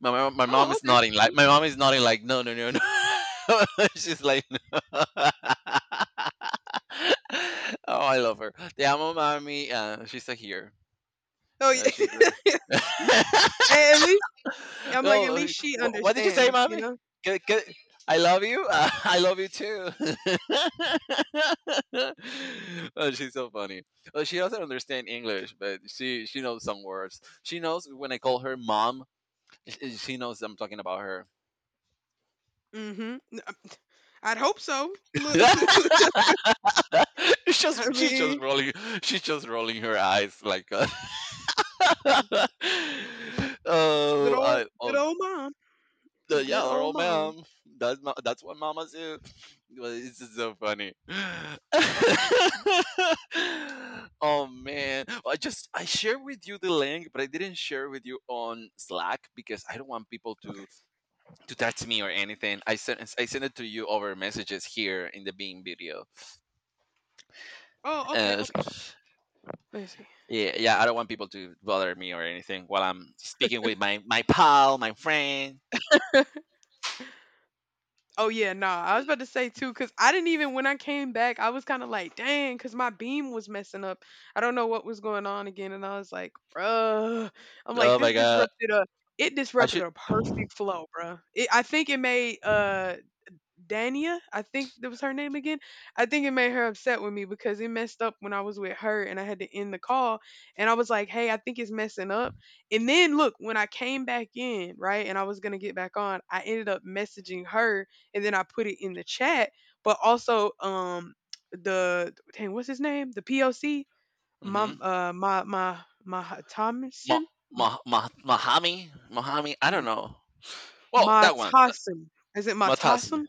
[SPEAKER 2] My, my my mom
[SPEAKER 1] Oh,
[SPEAKER 2] is
[SPEAKER 1] okay.
[SPEAKER 2] nodding, like my mom is nodding like no, no, no, no. (laughs) She's like no. (laughs) Oh, I love her. Te amo, mommy. Uh, she's a here.
[SPEAKER 1] Oh,
[SPEAKER 2] Uh, she's
[SPEAKER 1] yeah. (laughs)
[SPEAKER 2] a...
[SPEAKER 1] Hey, at least
[SPEAKER 2] (laughs)
[SPEAKER 1] I'm like at
[SPEAKER 2] oh,
[SPEAKER 1] least she
[SPEAKER 2] wh- what did you say,
[SPEAKER 1] understands. You
[SPEAKER 2] mommy?
[SPEAKER 1] know.
[SPEAKER 2] Good, good. I love you. Uh, (laughs) I love you too. (laughs) Oh, she's so funny. Oh, she doesn't understand English, but she she knows some words. She knows when I call her mom, sh- she knows I'm talking about her.
[SPEAKER 1] Hmm. I'd hope so. Look,
[SPEAKER 2] (laughs)
[SPEAKER 1] (laughs)
[SPEAKER 2] (laughs) She's
[SPEAKER 1] I
[SPEAKER 2] just she's just
[SPEAKER 1] mean,
[SPEAKER 2] rolling she's just rolling her eyes like uh, (laughs)
[SPEAKER 1] good
[SPEAKER 2] oh
[SPEAKER 1] old
[SPEAKER 2] I
[SPEAKER 1] good
[SPEAKER 2] oh
[SPEAKER 1] old mom.
[SPEAKER 2] the- yeah,
[SPEAKER 1] Good
[SPEAKER 2] oh
[SPEAKER 1] old mom.
[SPEAKER 2] ma'am, that's ma- that's what mamas do. Well, it's just so funny. (laughs) Oh man, well, I just I shared with you the link, but I didn't share with you on Slack because I don't want people
[SPEAKER 1] Okay.
[SPEAKER 2] to to text me or anything. I sent I sent it to you over messages here in the Beam video.
[SPEAKER 1] Oh, okay,
[SPEAKER 2] uh,
[SPEAKER 1] okay. Let me see.
[SPEAKER 2] Yeah, yeah. I don't want people to bother me or anything while I'm speaking with my my pal, my friend.
[SPEAKER 1] Oh yeah, nah. I was about to say too, cause I didn't even when I came back, I was kind of like, dang, cause my beam was messing up. I don't know what was going on again, and I was like, bruh, I'm like,
[SPEAKER 2] Oh my
[SPEAKER 1] this
[SPEAKER 2] god,
[SPEAKER 1] disrupted a, it
[SPEAKER 2] I
[SPEAKER 1] disrupted
[SPEAKER 2] should.
[SPEAKER 1] a perfect flow, bruh. It, I think it made uh Dania, I think that was her name again. I think it made her upset with me because it messed up when I was with her and I had to end the call. And I was like, hey, I think it's messing up. And then look, when I came back in, right, and I was going to get back on, I ended up messaging her and then I put it in the chat. But also, um, the dang, what's his name? The P O C, my,
[SPEAKER 2] Mm-hmm.
[SPEAKER 1] uh, my, my, my
[SPEAKER 2] Ma,
[SPEAKER 1] Thomason.
[SPEAKER 2] ma, ma, Mahami, Mahami. I don't know. Well, that one, uh,
[SPEAKER 1] Matasim, is it
[SPEAKER 2] Matasmi.
[SPEAKER 1] Matasim?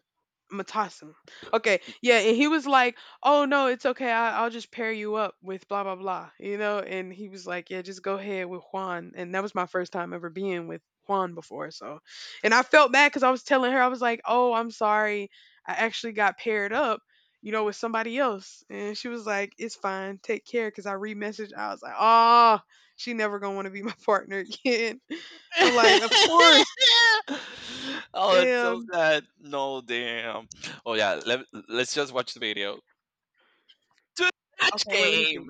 [SPEAKER 1] Matasim. Okay. Yeah, and he was like, "Oh no, it's okay. I, I'll just pair you up with blah blah blah." You know, and he was like, "Yeah, just go ahead with Juan." And that was my first time ever being with Juan before, so. And I felt bad cuz I was telling her I was like, "Oh, I'm sorry. I actually got paired up, you know, with somebody else." And she was like, "It's fine. Take care." Cuz I re-messaged. I was like, "Ah, she never going to want to be my (laughs) partner again." I'm like, "Of course."
[SPEAKER 2] (laughs) Oh, it's so
[SPEAKER 1] Damn.
[SPEAKER 2] sad. No, damn. Oh yeah. Let, let's just watch the video. To the match
[SPEAKER 1] Okay, wait, let me see.
[SPEAKER 2] game.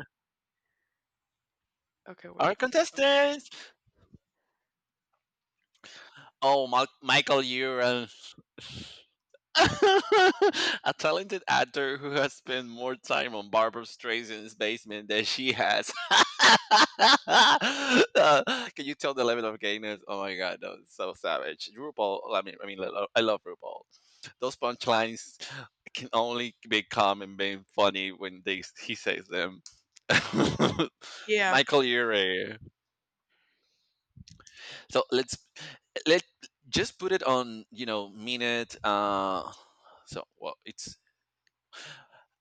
[SPEAKER 1] Okay,
[SPEAKER 2] Our
[SPEAKER 1] wait.
[SPEAKER 2] contestants. Oh, Ma- Michael, you (laughs) a talented actor who has spent more time on Barbara Streisand's basement than she has. (laughs) Uh, can you tell the level of gayness? Oh my god, that was so savage. RuPaul, I mean, I mean, I lo- I love RuPaul. Those punchlines can only be calm and be funny when they he says them. (laughs)
[SPEAKER 1] Yeah.
[SPEAKER 2] Michael Urie. So let's let just put it on, you know, minute. Uh, so well, it's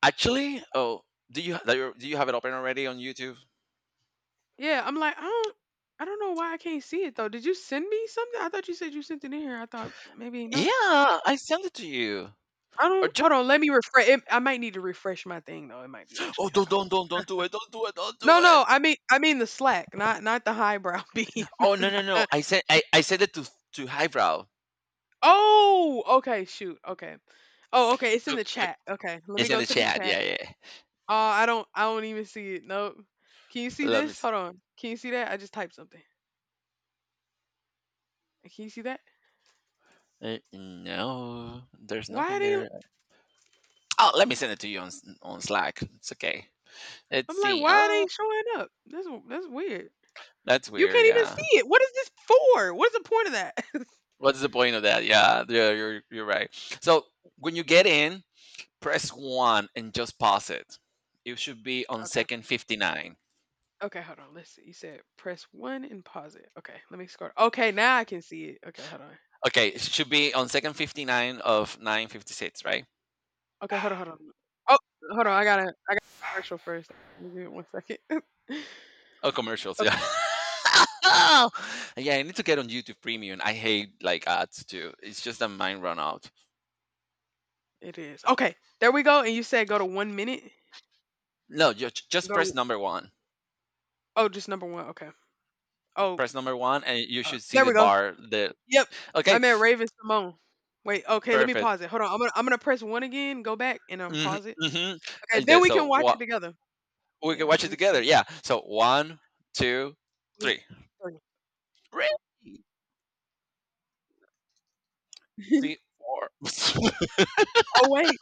[SPEAKER 2] Actually, oh, do you do you do you have it open already on YouTube?
[SPEAKER 1] Yeah, I'm like, I don't I don't know why I can't see it though. Did you send me something? I thought you said you sent it in here. I thought maybe no.
[SPEAKER 2] Yeah, I sent it to you.
[SPEAKER 1] I
[SPEAKER 2] Or
[SPEAKER 1] don't
[SPEAKER 2] just
[SPEAKER 1] hold on, let me refresh it, I might need to refresh my thing though. It might be
[SPEAKER 2] oh,
[SPEAKER 1] actually that.
[SPEAKER 2] don't
[SPEAKER 1] Hold
[SPEAKER 2] don't
[SPEAKER 1] on.
[SPEAKER 2] don't don't do it, don't do it, don't do
[SPEAKER 1] No,
[SPEAKER 2] it.
[SPEAKER 1] no, I mean I mean the Slack, not not the highbrow (laughs) beam.
[SPEAKER 2] Oh, no no no, I sent I, I sent it to to highbrow.
[SPEAKER 1] Oh, okay, shoot. Okay. Oh, okay, it's in
[SPEAKER 2] So
[SPEAKER 1] the
[SPEAKER 2] click.
[SPEAKER 1] chat. Okay. Let me
[SPEAKER 2] It's in
[SPEAKER 1] go
[SPEAKER 2] the
[SPEAKER 1] to the
[SPEAKER 2] chat.
[SPEAKER 1] chat.
[SPEAKER 2] Yeah yeah. yeah.
[SPEAKER 1] Oh, I don't I don't even see it. Nope. Can you see
[SPEAKER 2] Let me.
[SPEAKER 1] this?
[SPEAKER 2] s-
[SPEAKER 1] Hold on. Can you see that? I just typed something. Can you see that?
[SPEAKER 2] Uh, no, there's
[SPEAKER 1] Why are
[SPEAKER 2] nothing
[SPEAKER 1] they
[SPEAKER 2] there. Oh, let me send it to you on s- on Slack. It's okay. Let's
[SPEAKER 1] I'm like,
[SPEAKER 2] see.
[SPEAKER 1] why are
[SPEAKER 2] Oh,
[SPEAKER 1] they showing up? That's that's weird.
[SPEAKER 2] that's
[SPEAKER 1] You
[SPEAKER 2] weird.
[SPEAKER 1] can't even
[SPEAKER 2] Yeah.
[SPEAKER 1] see it. What is this for? What is the point of that? (laughs)
[SPEAKER 2] What's the point of that? Yeah, yeah, you're you're right. So when you get in, press one and just pause it. It should be on
[SPEAKER 1] okay.
[SPEAKER 2] second fifty-nine.
[SPEAKER 1] Okay, hold on. Let's see. You said press one and pause it. Okay, let me scroll. Okay, now I can see it. Okay, hold on.
[SPEAKER 2] Okay, it should be on second fifty-nine of nine fifty-six, right?
[SPEAKER 1] Okay, hold on, hold on. Oh, hold on. I gotta I got to commercial first. Give me one second. (laughs) okay,
[SPEAKER 2] Oh, commercials, yeah. (laughs) Yeah, I need to get on YouTube Premium. I hate like ads too. It's just that mine run out.
[SPEAKER 1] it is. Okay, there we go. And you said go to one minute.
[SPEAKER 2] No, just just
[SPEAKER 1] Go
[SPEAKER 2] press
[SPEAKER 1] to
[SPEAKER 2] number one.
[SPEAKER 1] Oh, just number one. Okay. Oh,
[SPEAKER 2] Press number one, and you
[SPEAKER 1] uh,
[SPEAKER 2] should see
[SPEAKER 1] there
[SPEAKER 2] the
[SPEAKER 1] we go.
[SPEAKER 2] bar. The
[SPEAKER 1] Yep.
[SPEAKER 2] okay,
[SPEAKER 1] I met Raven Simone. Wait, okay, let me
[SPEAKER 2] perfect.
[SPEAKER 1] pause it. Hold on. I'm gonna I'm gonna press one again, go back, and um
[SPEAKER 2] Hmm
[SPEAKER 1] pause it.
[SPEAKER 2] hmm
[SPEAKER 1] Okay,
[SPEAKER 2] And
[SPEAKER 1] then
[SPEAKER 2] then,
[SPEAKER 1] we
[SPEAKER 2] so
[SPEAKER 1] can watch
[SPEAKER 2] what
[SPEAKER 1] it together.
[SPEAKER 2] we can
[SPEAKER 1] Yeah,
[SPEAKER 2] watch
[SPEAKER 1] let
[SPEAKER 2] it
[SPEAKER 1] me turn
[SPEAKER 2] together.
[SPEAKER 1] it
[SPEAKER 2] Yeah. So one, two,
[SPEAKER 1] blue,
[SPEAKER 2] three.
[SPEAKER 1] green.
[SPEAKER 2] Three, three,
[SPEAKER 1] (laughs)
[SPEAKER 2] four. (laughs)
[SPEAKER 1] Oh, wait.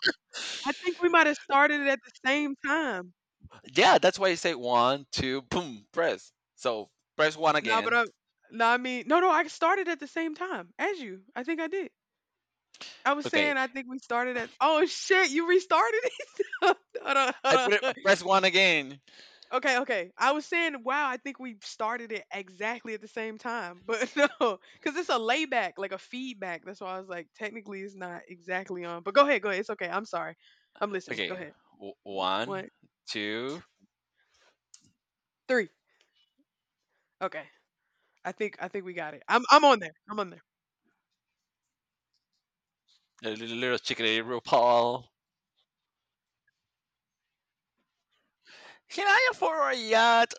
[SPEAKER 1] I think we might have started it at the same time.
[SPEAKER 2] Yeah, that's why I say one, two, boom, press. So press one
[SPEAKER 1] No, but
[SPEAKER 2] again.
[SPEAKER 1] I no, I mean no, no, I started at the same time as you. I think I did. I was
[SPEAKER 2] Okay,
[SPEAKER 1] saying I think we started at oh, shit, you restarted it? (laughs) Hold on,
[SPEAKER 2] I
[SPEAKER 1] hold
[SPEAKER 2] put it
[SPEAKER 1] on.
[SPEAKER 2] press one again.
[SPEAKER 1] Okay, okay. I was saying, wow, I think we started it exactly at the same time. But (laughs) no, because it's a layback, like a feedback. That's why I was like, technically, it's not exactly on. But go ahead, go ahead. It's okay. I'm sorry. I'm listening. Go
[SPEAKER 2] Okay,
[SPEAKER 1] ahead.
[SPEAKER 2] w- one,
[SPEAKER 1] One,
[SPEAKER 2] two.
[SPEAKER 1] three. Okay. I think I think we got it. I'm I'm on there. I'm on there.
[SPEAKER 2] A little, little chickadee RuPaul. Can I afford a yacht?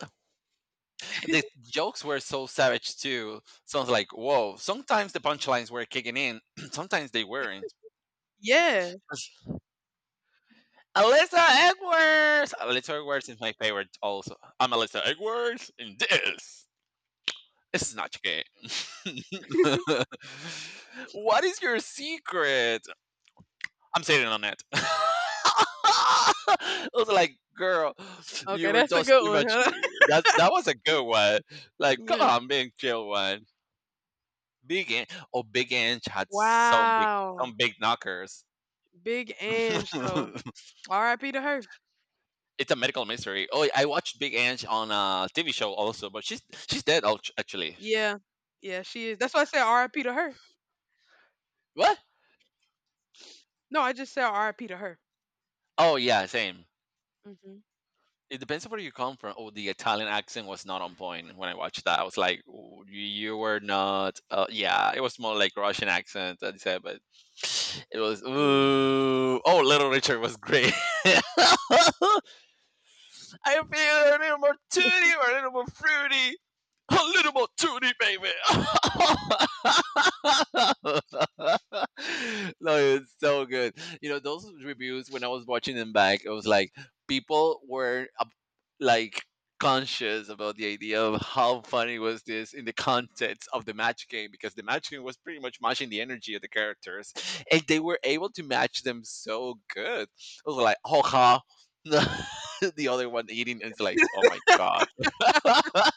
[SPEAKER 2] The jokes were so savage too. Sounds like whoa. Sometimes the punchlines were kicking in. (clears throat) Sometimes they weren't.
[SPEAKER 1] Yeah.
[SPEAKER 2] Alyssa Edwards. Alyssa Edwards is my favorite. Also, I'm Alyssa Edwards in this. Snatch game. (laughs) What is your secret? I'm sitting on it. (laughs) I was like, girl, you
[SPEAKER 1] Okay,
[SPEAKER 2] were
[SPEAKER 1] that's a
[SPEAKER 2] just
[SPEAKER 1] good
[SPEAKER 2] too
[SPEAKER 1] one.
[SPEAKER 2] much.
[SPEAKER 1] Huh? (laughs)
[SPEAKER 2] That that was a good one. Like, come
[SPEAKER 1] Yeah.
[SPEAKER 2] on, big chill one. Big Inch. Oh, Big Inch had some big
[SPEAKER 1] Wow.
[SPEAKER 2] some big knockers.
[SPEAKER 1] Big Ange
[SPEAKER 2] (laughs)
[SPEAKER 1] though.
[SPEAKER 2] It's
[SPEAKER 1] R I P to her.
[SPEAKER 2] a medical mystery. Oh, I watched Big Ange on a T V show also, but she's she's dead act- actually.
[SPEAKER 1] Yeah. Yeah, she is. That's why I said R I P to her.
[SPEAKER 2] What?
[SPEAKER 1] No, I just said R I P to her.
[SPEAKER 2] Oh yeah, same.
[SPEAKER 1] Hmm.
[SPEAKER 2] It depends on where you come from. Oh, the Italian accent was not on point when I watched that. I was like, "Oh, you you were not. Uh, yeah, it was more like Russian accent." I said, but it was. Ooh. Oh, Little Richard was great. (laughs) I feel a little more tooty or a little more fruity. A little more tooty, baby. (laughs) No, it's so good. You know, those reviews, when I was watching them back, it was like people were uh, like conscious about the idea of how funny was this in the context of the match game, because the match game was pretty much matching the energy of the characters, and they were able to match them so good. I was like, oh, ha. (laughs) (laughs) The other one eating and it's like, oh my god. (laughs)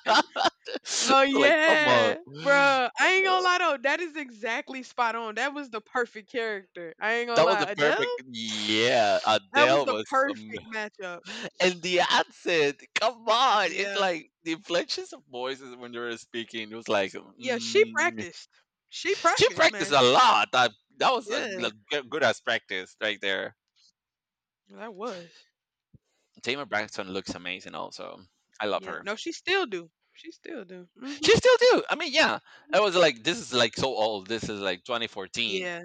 [SPEAKER 1] Oh
[SPEAKER 2] Like come on.
[SPEAKER 1] yeah,
[SPEAKER 2] (sighs)
[SPEAKER 1] bruh. I ain't
[SPEAKER 2] Uh,
[SPEAKER 1] gonna lie though, that is exactly spot on. That was the perfect character. I ain't gonna
[SPEAKER 2] that was
[SPEAKER 1] lie,
[SPEAKER 2] a
[SPEAKER 1] Adele.
[SPEAKER 2] perfect, yeah,
[SPEAKER 1] That was
[SPEAKER 2] Adele
[SPEAKER 1] the
[SPEAKER 2] was um,
[SPEAKER 1] perfect matchup.
[SPEAKER 2] (laughs) and the accent, come on, it's
[SPEAKER 1] Yeah,
[SPEAKER 2] like the inflections of voices when you were speaking it was like,
[SPEAKER 1] yeah. She
[SPEAKER 2] mm.
[SPEAKER 1] practiced. She
[SPEAKER 2] She
[SPEAKER 1] practiced,
[SPEAKER 2] practiced
[SPEAKER 1] man.
[SPEAKER 2] a lot. That that was a,
[SPEAKER 1] Yeah,
[SPEAKER 2] a good good as practice right there.
[SPEAKER 1] that was.
[SPEAKER 2] Tamer Braxton looks amazing also. I love
[SPEAKER 1] Yeah.
[SPEAKER 2] her.
[SPEAKER 1] No, she still do. She still do. Hmm.
[SPEAKER 2] She still do, I mean, yeah. I was like, this is like so old, this is like twenty fourteen.
[SPEAKER 1] Yeah.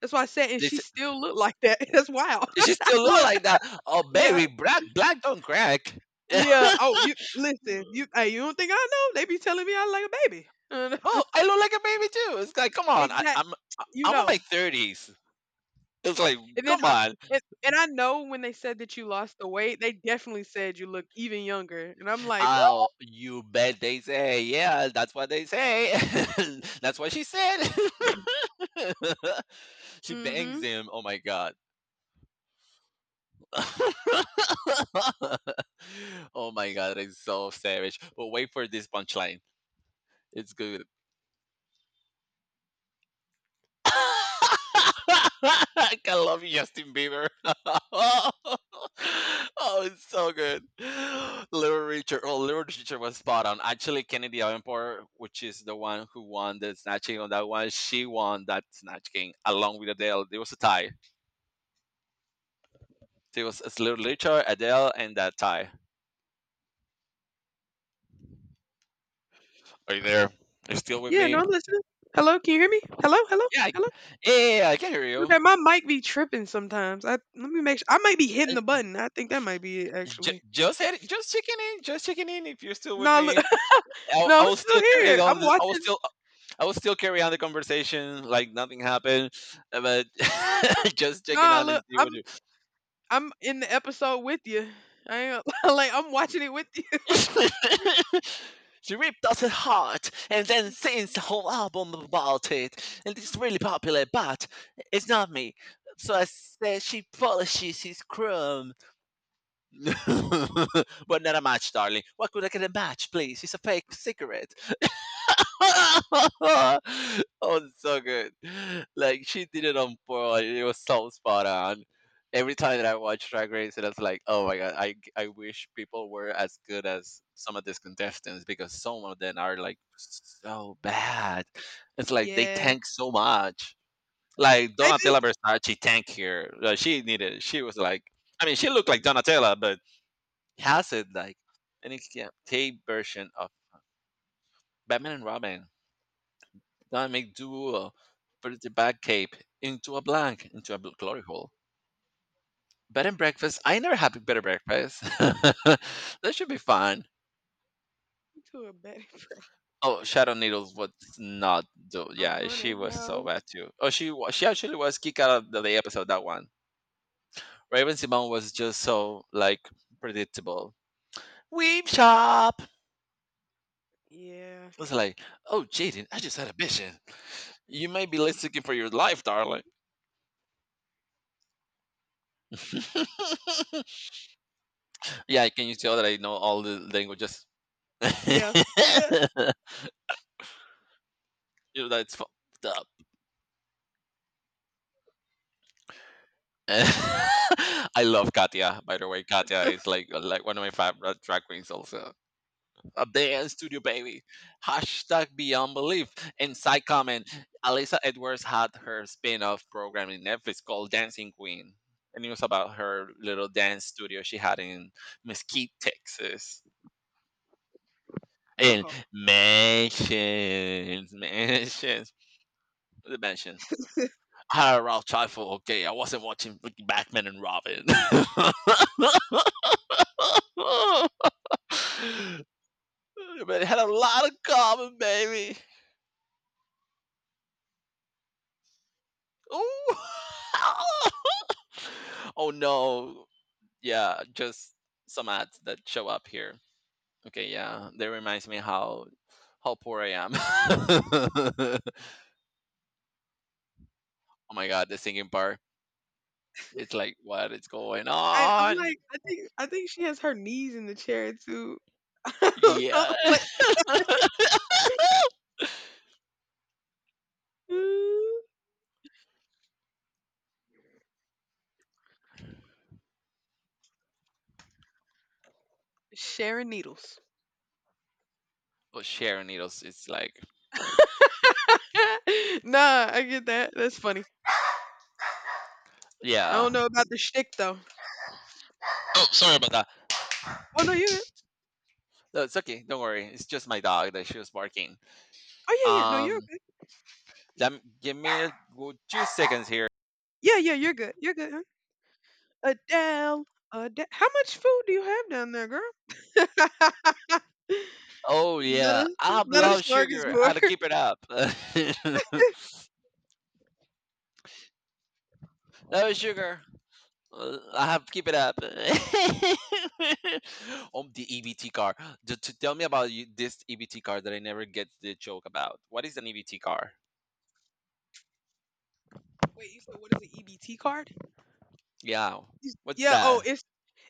[SPEAKER 1] That's why I said, and she
[SPEAKER 2] This
[SPEAKER 1] still look like that. (laughs) That's wild.
[SPEAKER 2] She still
[SPEAKER 1] (laughs)
[SPEAKER 2] look
[SPEAKER 1] look.
[SPEAKER 2] like that. Oh,
[SPEAKER 1] Yeah.
[SPEAKER 2] baby, black black don't crack. (laughs)
[SPEAKER 1] Yeah.
[SPEAKER 2] Oh,
[SPEAKER 1] Oh, you listen. You. Hey, you don't think I know? They be telling me I like a baby.
[SPEAKER 2] I look like a baby too. It's like, come
[SPEAKER 1] (laughs)
[SPEAKER 2] on, I,
[SPEAKER 1] exact.
[SPEAKER 2] I'm I- am
[SPEAKER 1] You
[SPEAKER 2] I am in
[SPEAKER 1] know.
[SPEAKER 2] my thirties. It's like,
[SPEAKER 1] And then,
[SPEAKER 2] come
[SPEAKER 1] uh,
[SPEAKER 2] on.
[SPEAKER 1] and, and I know when they said that you lost the weight, they definitely said you look even younger. And I'm like, what?
[SPEAKER 2] Oh, you bet they say, yeah, that's what they say. (laughs) That's what she said. (laughs) She bangs
[SPEAKER 1] Mm-hmm.
[SPEAKER 2] him. Oh my god. (laughs) Oh my god, it's so savage. But wait for this punchline. It's good. (laughs) I can love Justin Bieber. (laughs) Oh, it's so good. Little Richard. Oh, Little Richard was spot on. Actually, Kennedy Davenport, which is the one who won the Snatch King on that one, she won that Snatch King along with Adele. There was a tie. There was, it's Little Richard, Adele, and that tie. Are you there? Are you still with
[SPEAKER 1] Yeah, no,
[SPEAKER 2] me?
[SPEAKER 1] I'm listening. Hello, can you hear me? Hello, hello,
[SPEAKER 2] Yeah, I-
[SPEAKER 1] hello.
[SPEAKER 2] yeah, yeah, yeah, I can hear you.
[SPEAKER 1] Okay, my mic be tripping sometimes. I let me make sure. I might be hitting the
[SPEAKER 2] Uh,
[SPEAKER 1] button. I think that might be it
[SPEAKER 2] j-
[SPEAKER 1] actually.
[SPEAKER 2] Just, head- just checking in. Just checking in if you're still with
[SPEAKER 1] No, look,
[SPEAKER 2] me.
[SPEAKER 1] (laughs)
[SPEAKER 2] I,
[SPEAKER 1] no,
[SPEAKER 2] I
[SPEAKER 1] I'm
[SPEAKER 2] was
[SPEAKER 1] still
[SPEAKER 2] still carrying
[SPEAKER 1] here.
[SPEAKER 2] on.
[SPEAKER 1] I'm
[SPEAKER 2] th- I was
[SPEAKER 1] watching.
[SPEAKER 2] still I was still carrying on the conversation like nothing happened, uh, but (laughs) just checking
[SPEAKER 1] Nah,
[SPEAKER 2] on and
[SPEAKER 1] look,
[SPEAKER 2] see
[SPEAKER 1] I'm
[SPEAKER 2] what.
[SPEAKER 1] I'm in the episode with you. I ain't, (laughs) like I'm watching it with you. (laughs)
[SPEAKER 2] You... (laughs) She ripped us heart and then sings the whole album about it, and it's really popular. But it's not me. So I said, she polishes his chrome, (laughs) but not a match, darling. What could I get a match, please? It's a fake cigarette. (laughs) Oh, it's so good. Like she did it on point. It was so spot on. Every time that I watch Drag Race, it was like, oh my god, I I wish people were as good as some of these contestants because some of them are like so bad. It's like they
[SPEAKER 1] Yeah,
[SPEAKER 2] tank so much. Like
[SPEAKER 1] they
[SPEAKER 2] Donatella
[SPEAKER 1] just
[SPEAKER 2] Versace tank here. Like, she needed. She was like, I mean, she looked like Donatella, but has it like an escape version of Batman and Robin that may do uh, put the bag cape into a blank, into a bl- glory hole. Bed and breakfast. I never had bed and breakfast. (laughs) That should be fun.
[SPEAKER 1] to a bad
[SPEAKER 2] Oh, Shadow Needles was not do.
[SPEAKER 1] (laughs) a
[SPEAKER 2] Yeah, she
[SPEAKER 1] hundred
[SPEAKER 2] was so bad
[SPEAKER 1] house.
[SPEAKER 2] too. Oh, she wa- she actually was kicked out of the, the episode that one. Raven Simone was just so like predictable. Weep shop. It
[SPEAKER 1] Yeah,
[SPEAKER 2] was like, oh, Jaden, I just had a vision. You may be less looking for your life, darling. (laughs) Yeah, can you tell that I know all the languages? (laughs)
[SPEAKER 1] yeah, yeah.
[SPEAKER 2] Dude, that's fucked up. (laughs) I love Katya, by the way. Katya is like uh, like one of my favorite drag queens also. A dance studio baby. Hashtag beyond belief. And side comment, Alyssa Edwards had her spin-off program in Netflix called Dancing Queen. And it was about her little dance studio she had in Mesquite, Texas. And
[SPEAKER 1] Uh
[SPEAKER 2] mansions, mansions, the mansion. Hi, Ralph Trifle. Okay, I wasn't watching freaking Batman and Robin. (laughs) But it had a lot of common, baby. Ooh. (laughs) Oh no. Yeah, just some ads that show up here. Okay, yeah. That reminds me how how poor I am. (laughs) Oh my god, the singing part. It's like, what is going
[SPEAKER 1] Right, I'm
[SPEAKER 2] on?
[SPEAKER 1] like, I think I think she has her knees in the chair too. (laughs) I don't know,
[SPEAKER 2] Yeah.
[SPEAKER 1] (laughs) like
[SPEAKER 2] (laughs)
[SPEAKER 1] ooh. Sharing needles.
[SPEAKER 2] Oh, Sharon Needles is like,
[SPEAKER 1] (laughs) nah, I get that. That's funny. I
[SPEAKER 2] yeah.
[SPEAKER 1] don't know about the shtick though.
[SPEAKER 2] Oh, sorry about that.
[SPEAKER 1] Oh no, you're good.
[SPEAKER 2] No, it's okay. Don't worry. It's just my dog that she was barking.
[SPEAKER 1] Oh yeah, yeah. No, you're
[SPEAKER 2] Um,
[SPEAKER 1] okay.
[SPEAKER 2] Let me, give me a, well, two seconds here.
[SPEAKER 1] Yeah, yeah, you're good. You're good. Huh? Adele, Adele. How much food do you have down there, girl? (laughs)
[SPEAKER 2] Oh
[SPEAKER 1] not
[SPEAKER 2] yeah,
[SPEAKER 1] a
[SPEAKER 2] I
[SPEAKER 1] not a
[SPEAKER 2] love sugar. I have to
[SPEAKER 1] smorgasbord.
[SPEAKER 2] keep it up. (laughs) Love sugar. Uh, I have to keep it up. (laughs) Oh, the E B T car. To, to tell me about you, this E B T car that I never get the joke about. What is an E B T car?
[SPEAKER 1] (laughs) Wait, you said what is the E B T card?
[SPEAKER 2] Yeah. What's
[SPEAKER 1] Yeah, oh,
[SPEAKER 2] that?
[SPEAKER 1] it's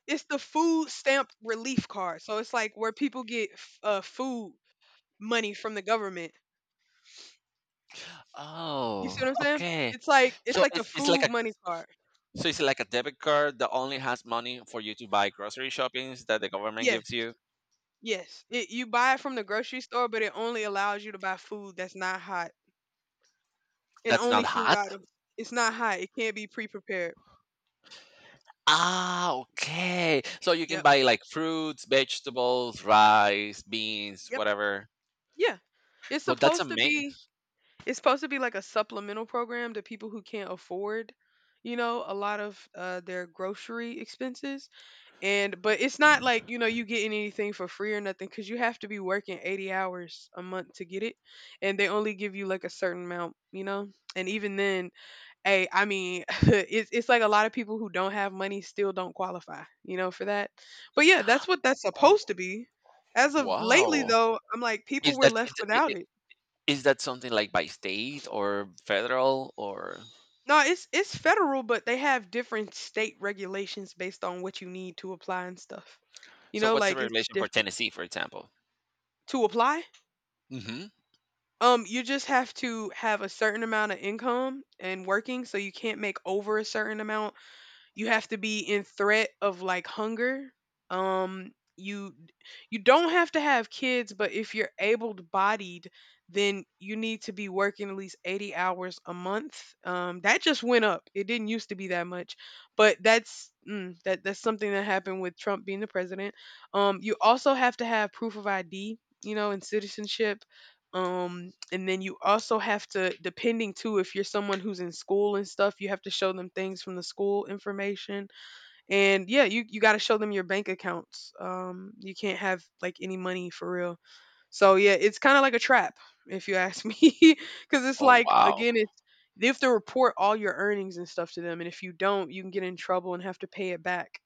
[SPEAKER 1] it's the food stamp relief card. So it's like where people get f- uh food money from the government. You see
[SPEAKER 2] Oh,
[SPEAKER 1] what I'm saying?
[SPEAKER 2] okay.
[SPEAKER 1] It's like it's
[SPEAKER 2] So
[SPEAKER 1] like a
[SPEAKER 2] it's, it's like
[SPEAKER 1] food
[SPEAKER 2] a
[SPEAKER 1] money card.
[SPEAKER 2] So it's like a debit card that only has money for you to buy grocery shoppings that the government
[SPEAKER 1] Yes,
[SPEAKER 2] gives you.
[SPEAKER 1] yes. It, you buy it from the grocery store, but it only allows you to buy food that's not hot and
[SPEAKER 2] That's not
[SPEAKER 1] only food
[SPEAKER 2] hot.
[SPEAKER 1] items. It's not hot. It can't be pre-prepared.
[SPEAKER 2] Ah, okay. So you can
[SPEAKER 1] Yep.
[SPEAKER 2] buy like fruits, vegetables, rice, beans,
[SPEAKER 1] Yep.
[SPEAKER 2] whatever.
[SPEAKER 1] Yeah. It's
[SPEAKER 2] Well, that's
[SPEAKER 1] supposed to
[SPEAKER 2] amazing.
[SPEAKER 1] be. It's supposed to be like a supplemental program to people who can't afford, you know, a lot of uh, their grocery expenses. And but it's not like you know you getting anything for free or nothing because you have to be working eighty hours a month to get it, and they only give you like a certain amount, you know. And even then, hey I mean (laughs) it's, it's like a lot of people who don't have money still don't qualify you know for that, but yeah
[SPEAKER 2] (gasps)
[SPEAKER 1] that's what that's
[SPEAKER 2] Oh,
[SPEAKER 1] supposed to be. As of lately
[SPEAKER 2] wow.
[SPEAKER 1] though I'm like people
[SPEAKER 2] Is
[SPEAKER 1] were
[SPEAKER 2] that
[SPEAKER 1] left
[SPEAKER 2] is, i-
[SPEAKER 1] without
[SPEAKER 2] i-
[SPEAKER 1] it.
[SPEAKER 2] is that something like by state or federal or
[SPEAKER 1] No, it's it's federal, but they have different state regulations based on what you need to apply and stuff, you
[SPEAKER 2] so?
[SPEAKER 1] know,
[SPEAKER 2] What's the
[SPEAKER 1] like it's just
[SPEAKER 2] regulation for
[SPEAKER 1] different
[SPEAKER 2] Tennessee, for example?
[SPEAKER 1] to apply.
[SPEAKER 2] Hmm.
[SPEAKER 1] Um, you just have to have a certain amount of income and working, so you can't make over a certain amount. You have to be in threat of like hunger. Um, you you don't have to have kids, but if you're able-bodied, then you need to be working at least eighty hours a month. Um, that just went up. It didn't used to be that much, but that's mm, that that's something that happened with Trump being the president. Um, you also have to have proof of I D, you know, and citizenship, um, and then you also have to, depending too if you're someone who's in school and stuff, you have to show them things from the school information. And yeah, you you got to show them your bank accounts. Um, you can't have like any money for real. So yeah, it's kind of like a trap if you ask me. (laughs) Because it's
[SPEAKER 2] Oh
[SPEAKER 1] like,
[SPEAKER 2] wow!
[SPEAKER 1] again, it's you have to report all your earnings and stuff to them, and if you don't, you can get in trouble and have to pay it back.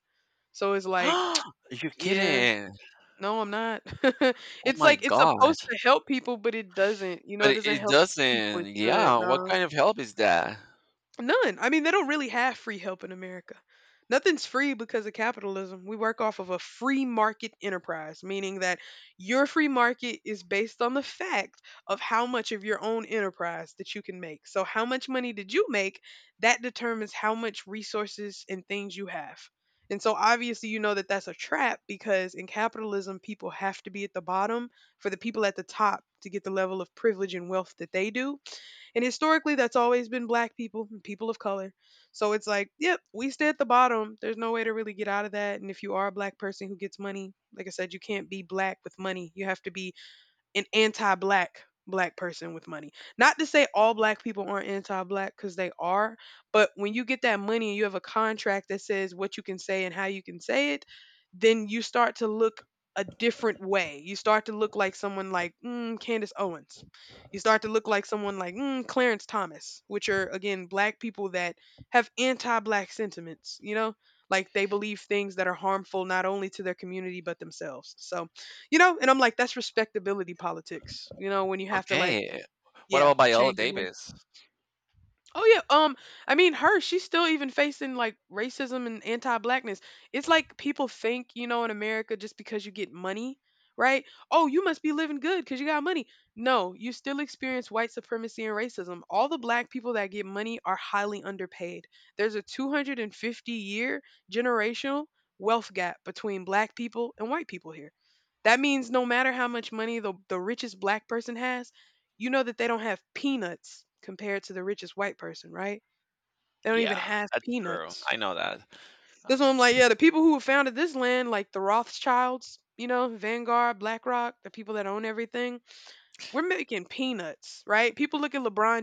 [SPEAKER 1] So it's like
[SPEAKER 2] (gasps) You're
[SPEAKER 1] (tsk) yeah
[SPEAKER 2] kidding!
[SPEAKER 1] no, I'm not. (laughs)
[SPEAKER 2] Oh
[SPEAKER 1] It's
[SPEAKER 2] my
[SPEAKER 1] like it's supposed
[SPEAKER 2] gosh!
[SPEAKER 1] to help people, but it doesn't. You know,
[SPEAKER 2] But
[SPEAKER 1] it
[SPEAKER 2] it
[SPEAKER 1] doesn't
[SPEAKER 2] it
[SPEAKER 1] help the people it
[SPEAKER 2] doesn't. Yeah,
[SPEAKER 1] should.
[SPEAKER 2] what
[SPEAKER 1] No.
[SPEAKER 2] kind of help is that?
[SPEAKER 1] None. I mean, they don't really have free help in America. Nothing's free because of capitalism. We work off of a free market enterprise, meaning that your free market is based on the fact of how much of your own enterprise that you can make. So, how much money did you make? That determines how much resources and things you have. And so, obviously, you know that that's a trap because in capitalism, people have to be at the bottom for the people at the top to get the level of privilege and wealth that they do. And historically, that's always been black people and people of color. So it's like, yep, we stay at the bottom. There's no way to really get out of that. And if you are a black person who gets money, like I said, you can't be black with money. You have to be an anti-black black person with money. Not to say all black people aren't anti-black because they are, but when you get that money and you have a contract that says what you can say and how you can say it, then you start to look a different way. You start to look like someone like mm, Candace Owens. You start to look like someone like mm, Clarence Thomas, which are again black people that have anti-black sentiments. You know, like they believe things that are harmful not only to their community but themselves. So you know, and I'm like, that's respectability politics, you know, when you have to like,
[SPEAKER 2] Okay. What
[SPEAKER 1] yeah,
[SPEAKER 2] about Viola
[SPEAKER 1] change your
[SPEAKER 2] Davis?
[SPEAKER 1] oh yeah, um, I mean her, she's still even facing like racism and anti-blackness. It's like people think, you know, in America just because you get money, right? Oh, you must be living good because you got money. No, you still experience white supremacy and racism. All the black people that get money are highly underpaid. There's a two hundred fifty year generational wealth gap between black people and white people here. That means no matter how much money the, the richest black person has, you know that they don't have peanuts compared to the richest white person, right? They don't even
[SPEAKER 2] Yeah,
[SPEAKER 1] have
[SPEAKER 2] that's true.
[SPEAKER 1] peanuts.
[SPEAKER 2] I know that.
[SPEAKER 1] That's what I'm like, yeah, the people who founded this land, like the Rothschilds, you know, Vanguard, BlackRock, the people that own everything, we're making peanuts, right? People look at LeBron